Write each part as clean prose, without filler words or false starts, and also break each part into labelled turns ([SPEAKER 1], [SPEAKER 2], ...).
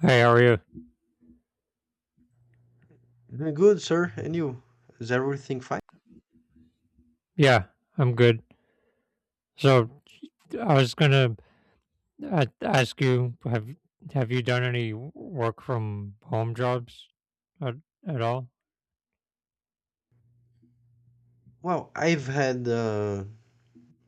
[SPEAKER 1] Hey, how are you?
[SPEAKER 2] Doing good, sir. And you? Is everything fine?
[SPEAKER 1] Yeah, I'm good. So I was gonna ask you have Have you done any work from home jobs at, at all?
[SPEAKER 2] Well, I've had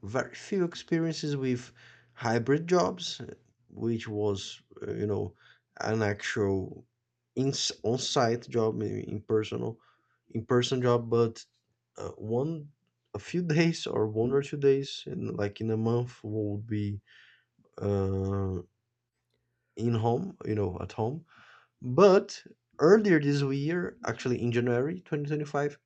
[SPEAKER 2] very few experiences with hybrid jobs, which was, uh, you know, an actual in- on-site job, maybe in personal, in-person job, but one, a few days or 1 or 2 days, in, like in a month, would be uh, in home, you know, at home. But earlier this year, actually in January 2025.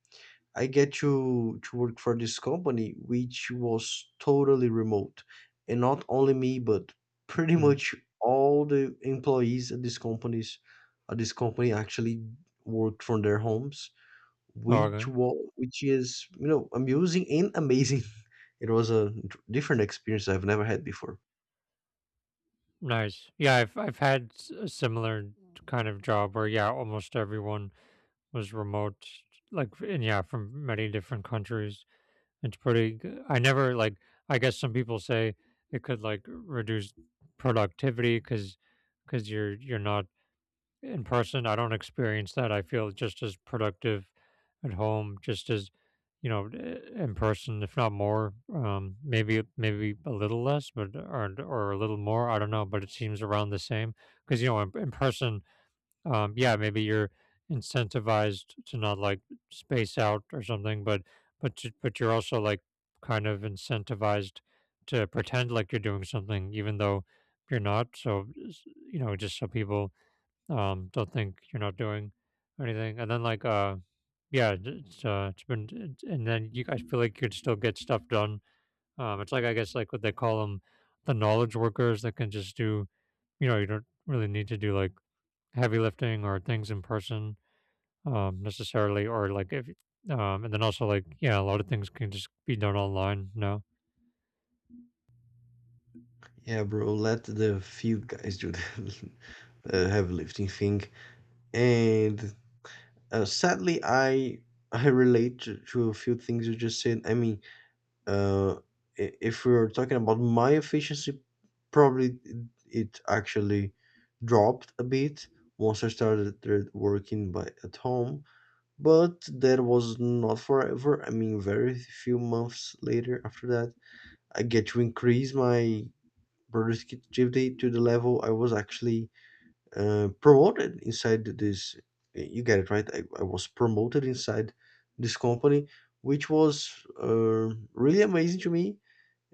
[SPEAKER 2] I get to work for this company which was totally remote, and not only me, but pretty
[SPEAKER 1] Mm.
[SPEAKER 2] much all the employees at this companies at this company actually worked from their homes,
[SPEAKER 1] Oh, okay.
[SPEAKER 2] which is, you know, amusing and amazing. It was a different experience I've never had before.
[SPEAKER 1] Nice. Yeah, I've had a similar kind of job where yeah, almost everyone was remote, and yeah, from many different countries. It's pretty. G- I never like. I guess some people say it could reduce productivity because you're not in person. I don't experience that. I feel just as productive at home just as, you know, in person, if not more. Maybe a little less, but or a little more, I don't know, but it seems around the same because, you know, in person, yeah, maybe you're incentivized to not space out or something, but but you're also like kind of incentivized to pretend like you're doing something even though you're not. You know, just so people don't think you're not doing anything. And then like yeah, it- it's been, it- and then you I feel like you could still get stuff done. It's like, I guess, like what they call them, the knowledge workers that can just do. You know, you don't really need to do like heavy lifting or things in person necessarily, or like if and then also, like, yeah, a lot of things can just be done online now.
[SPEAKER 2] Yeah, bro, let the field guys do the heavy lifting thing. And sadly, I relate to a few things you just said. I mean, uh, if we're talking about my efficiency, probably it actually dropped a bit once I started there working by at home. But that was not forever. I mean, very few months later after that, I get to increase my productivity to the level I was actually promoted inside this, you get it right? I was promoted inside this company, which was really amazing to me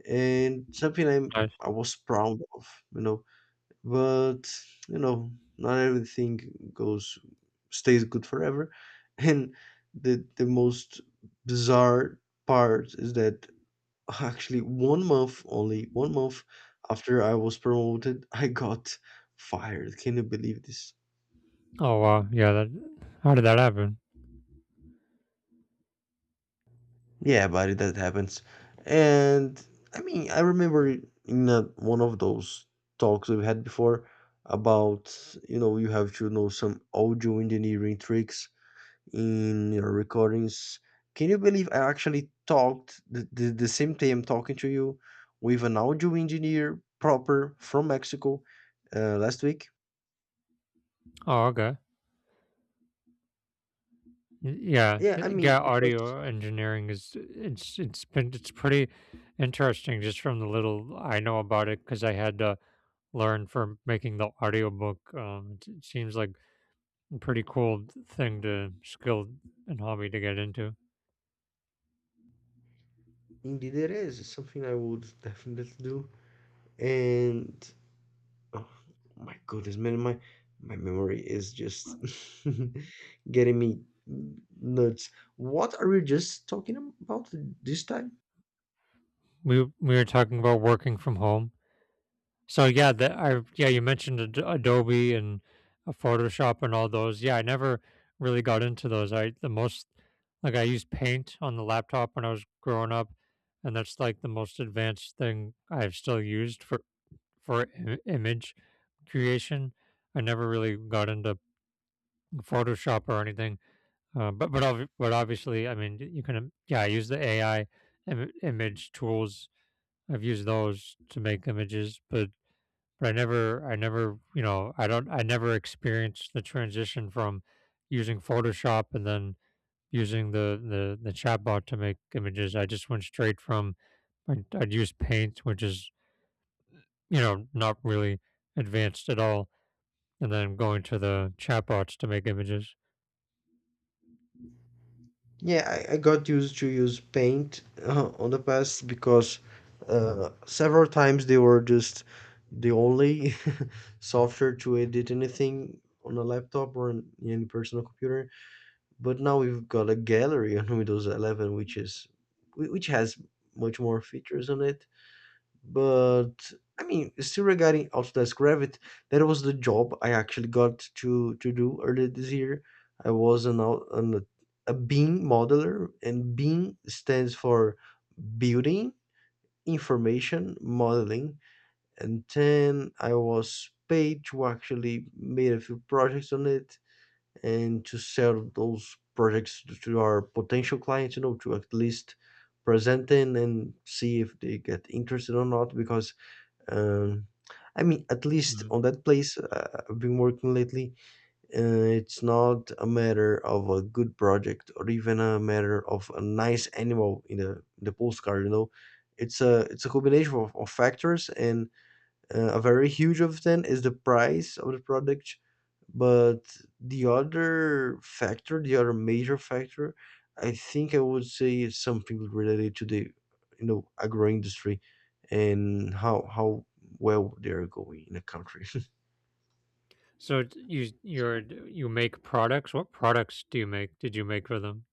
[SPEAKER 2] and something i'm
[SPEAKER 1] Nice.
[SPEAKER 2] i was proud of, you know. But, you know, not everything goes stays good forever. And the most bizarre part is that actually one month only 1 month after I was promoted, I got fired. Can you believe this?
[SPEAKER 1] Oh wow, yeah. That How did that happen?
[SPEAKER 2] Yeah, buddy, that happens. And I mean, I remember in a, one of those talks we've had before about, you know, you have to know some audio engineering tricks in your recordings. Can you believe I actually talked the same day I'm talking to you with an audio engineer proper from Mexico last week?
[SPEAKER 1] Oh, okay.
[SPEAKER 2] Yeah, I mean,
[SPEAKER 1] Yeah.
[SPEAKER 2] because
[SPEAKER 1] Audio engineering is it's been it's pretty interesting just from the little I know about it because I had to learn for making the audiobook. It, it seems like a pretty cool thing to skill and hobby to get into.
[SPEAKER 2] indeed it is. It's something I would definitely do. And oh my goodness, man, my memory is just getting me nuts. What are we just talking about this time?
[SPEAKER 1] We were talking about working from home. So yeah, that I, yeah, you mentioned Adobe and Photoshop and all those. Yeah, I never really got into those. I The most, like, I used Paint on the laptop when I was growing up, and that's like the most advanced thing I've still used for image creation. I never really got into Photoshop or anything. But obviously, I mean, you can yeah, I use the AI image tools. I've used those to make images, but I never, you know, I never experienced the transition from using Photoshop and then using the the chatbot to make images. I just went straight from I'd use Paint, which is, you know, not really advanced at all, and then going to the chatbots to make images.
[SPEAKER 2] Yeah, I got used to use Paint on the past because several times they were just the only software to edit anything on a laptop or in any personal computer. But now we've got a gallery on Windows 11, which is which has much more features on it. But I mean, still regarding Autodesk Revit, that was the job I actually got to do earlier this year. I was an, au- an a BIM modeler, and BIM stands for Building Information Modeling. And then I was paid to actually made a few projects on it and to sell those projects to our potential clients, you know, to at least present them and see if they get interested or not, because um, I mean, at least on that place I've been working lately, it's not a matter of a good project or even a matter of a nice animal in the postcard. You know, it's a combination of factors, and a very huge of them is the price of the product, but the other factor, the other major factor, I think I would say, is something related to the, you know, agro industry and how well they're going in a country.
[SPEAKER 1] You, you make products? What products do you make? Did you make for them?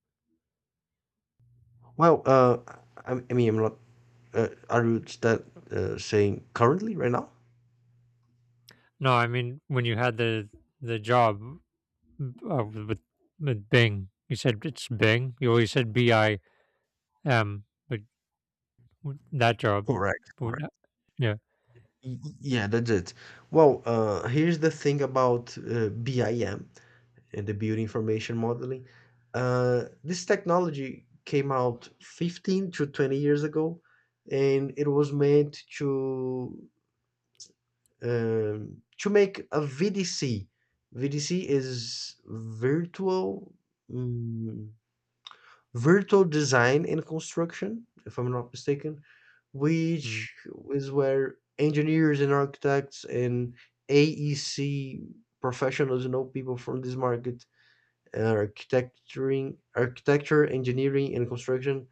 [SPEAKER 2] Well, I mean, I'm not. Are you that saying currently right now?
[SPEAKER 1] No, I mean, when you had the job with Bing, you said it's Bing. You always said BIM, but w- that job,
[SPEAKER 2] Correct,
[SPEAKER 1] but
[SPEAKER 2] correct.
[SPEAKER 1] that- yeah.
[SPEAKER 2] Y- Yeah, that's it. Well, here's the thing about BIM and the building information modeling. This technology came out 15 to 20 years ago, and it was meant to make a VDC. VDC is virtual mm, virtual design and construction, if I'm not mistaken,
[SPEAKER 1] Mm.
[SPEAKER 2] which is where engineers and architects and AEC professionals, you know, people from this market, architecturing, architecture, engineering, and construction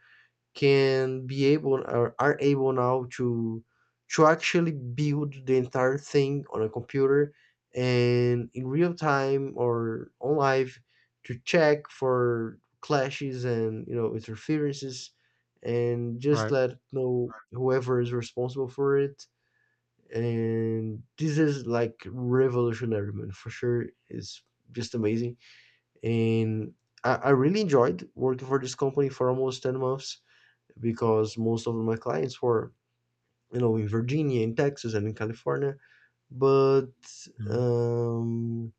[SPEAKER 2] can be able or are able now to actually build the entire thing on a computer and in real time or on live to check for clashes and, you know, interferences and just
[SPEAKER 1] Right.
[SPEAKER 2] let know whoever is responsible for it. And this is like revolutionary, man. For sure, it's just amazing. And I really enjoyed working for this company for almost 10 months because most of my clients were, you know, in Virginia, in Texas, and in California. But
[SPEAKER 1] Mm.
[SPEAKER 2] um,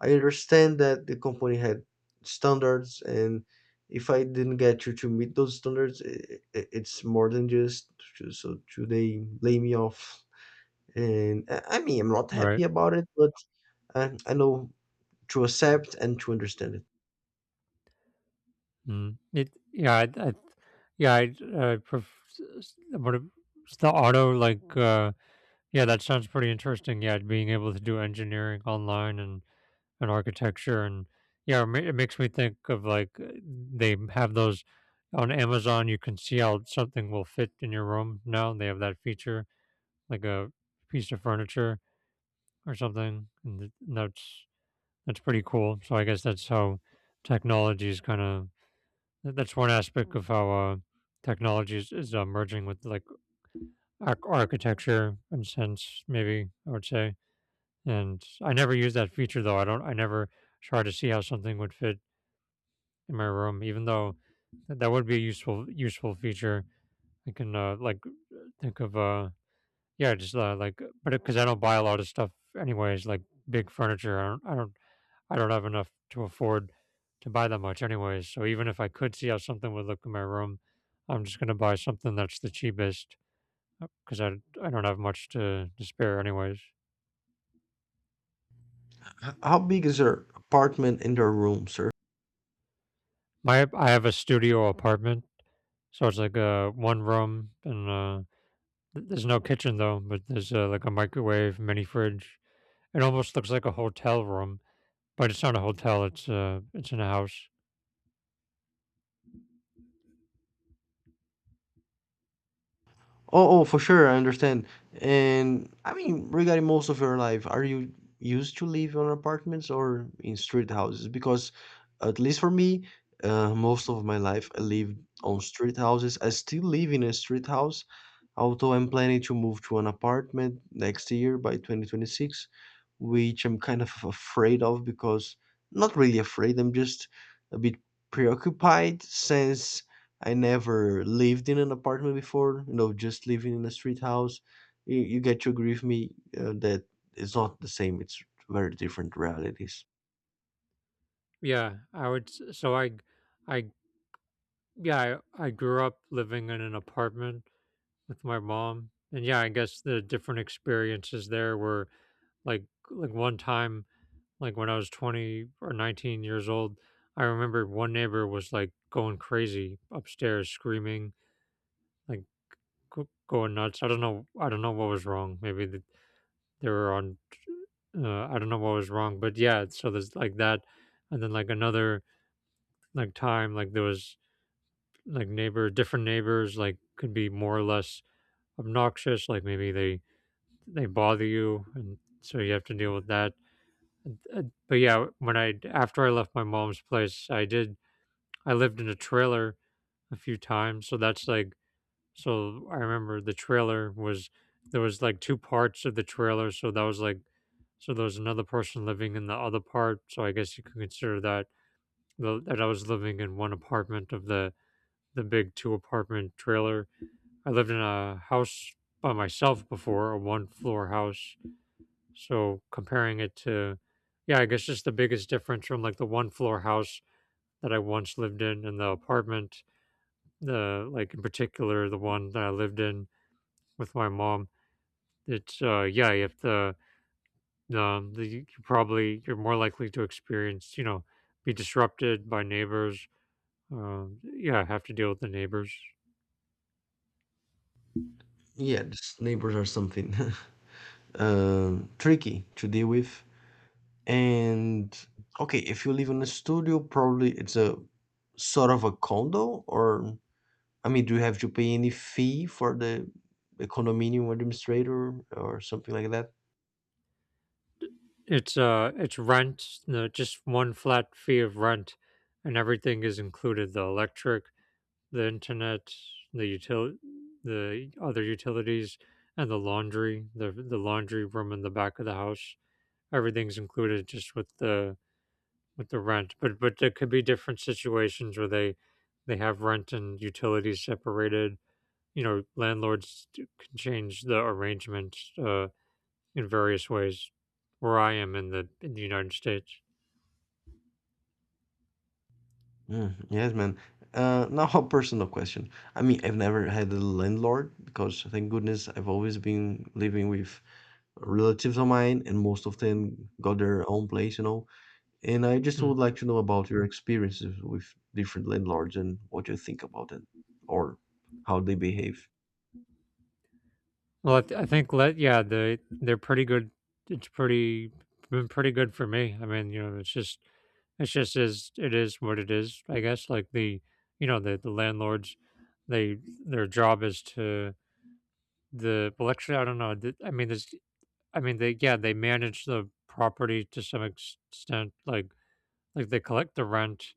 [SPEAKER 2] I understand that the company had standards, and if I didn't get you to meet those standards, it's more than just so to they lay me off. And I mean, I'm not
[SPEAKER 1] Right.
[SPEAKER 2] happy about it, but I know to accept and to understand it.
[SPEAKER 1] Mm. It, yeah. I yeah, I pref- s- s- what a- s- the auto like Yeah, that sounds pretty interesting. Yeah, being able to do engineering online and architecture and yeah, it makes me think of like they have those on Amazon. You can see how something will fit in your room now. They have that feature, like a piece of furniture or something, and that's pretty cool. So I guess that's how technology is kind of that's one aspect of how technology is merging with like architecture and sense. Maybe I would say. And I never used that feature though. I never tried to see how something would fit in my room, even though that would be a useful feature. I can like think of yeah, just like but because I don't buy a lot of stuff anyways, like big furniture. I don't have enough to afford to buy that much anyways. So even if I could see how something would look in my room, I'm just gonna buy something that's the cheapest because I don't have much to spare anyways.
[SPEAKER 2] H- How big is their apartment in their room, sir?
[SPEAKER 1] My I have a studio apartment, so it's like a one room and there's no kitchen though, but there's, like, a microwave, mini fridge. It almost looks like a hotel room, but it's not a hotel. It's in a house.
[SPEAKER 2] Oh, oh, for sure, I understand. And I mean, regarding most of your life, are you used to live on apartments or in street houses? Because at least for me, most of my life I lived on street houses. I still live in a street house, although I'm planning to move to an apartment next year by 2026, which I'm kind of afraid of because not really afraid, I'm just a bit preoccupied since I never lived in an apartment before, you know, just living in a street house. You get to agree with me that it's not the same. It's very different realities.
[SPEAKER 1] Yeah, I would. S- So I Yeah, I grew up living in an apartment with my mom, and yeah, I guess the different experiences there were like one time. Like when I was 20 or 19 years old, I remember one neighbor was like going crazy upstairs, screaming, like going nuts. I don't know. I don't know what was wrong. Maybe they were on. I don't know what was wrong, but yeah. So there's like that, and then like another time, like there was like different neighbors, like could be more or less obnoxious. Like maybe they bother you, and so you have to deal with that. Uh, But yeah, when I after I left my mom's place, I lived in a trailer a few times, so that's like, so I remember the trailer was, there was like two parts of the trailer, so that was like, so there was another person living in the other part, so I guess you could consider that that I was living in one apartment of the big two apartment trailer. I lived in a house by myself before, a one floor house. So comparing it to, yeah, I guess just the biggest difference from like the one floor house that I once lived in and the apartment. The Like in particular, the one that I lived in with my mom, it's uh, yeah. If the the, You probably, you're more likely to experience, you know, be disrupted by neighbors. Yeah, have to deal with the neighbors.
[SPEAKER 2] Yeah, just neighbors are something tricky to deal with. And okay, if you live in a studio, probably it's a sort of a condo, or I mean, do you have to pay any fee for the condominium administrator or something like that?
[SPEAKER 1] It's it's rent. The Just one flat fee of rent, and everything is included: the electric, the internet, the util the other utilities and the laundry, the laundry room in the back of the house. Everything's included just with the rent, but there could be different situations where they have rent and utilities separated. You know, landlords can change the arrangement in various ways. Where I am, in the United States.
[SPEAKER 2] Mm, yes, man. Now, a personal question. I mean, I've never had a landlord because, thank goodness, I've always been living with relatives of mine, and most of them got their own place, you know. And I just
[SPEAKER 1] Mm.
[SPEAKER 2] would like to know about your experiences with different landlords and what you think about them or how they behave.
[SPEAKER 1] Well, I think, let yeah, they, they're pretty good. It's pretty been pretty good for me. I mean, you know, it's just, it's just, is it, is what it is. I guess, like, the, you know, the landlords, they their job is to, The well, actually, I don't know. I mean, there's, I mean, they yeah, they manage the property to some extent, like they collect the rent.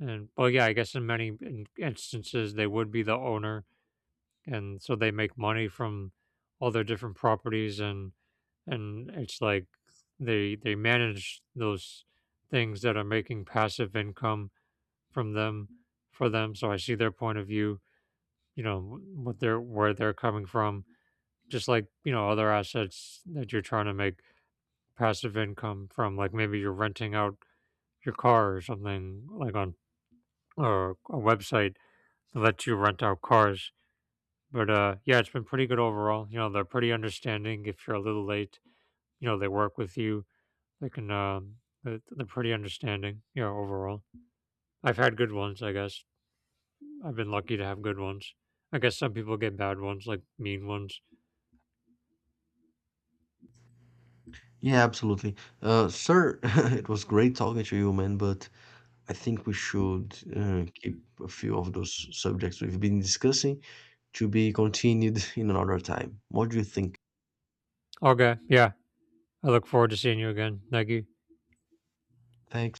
[SPEAKER 1] And, well, yeah, I guess in many instances, they would be the owner, and so they make money from all their different properties, and it's like they manage those things that are making passive income from them for them. So I see their point of view, you know, what they're, where they're coming from, just like, you know, other assets that you're trying to make passive income from, like maybe you're renting out your car or something, like on, or a website that lets you rent out cars. But uh, yeah, it's been pretty good overall. You know, they're pretty understanding if you're a little late. You know, they work with you. They can, um, they're pretty understanding, you know, overall. I've had good ones, I guess. I've been lucky to have good ones, I guess. Some people get bad ones, like mean ones.
[SPEAKER 2] Yeah, absolutely. Sir, it was great talking to you, man, but I think we should keep a few of those subjects we've been discussing to be continued in another time. What do you think?
[SPEAKER 1] Okay, yeah, I look forward to seeing you again. Thank you.
[SPEAKER 2] Thank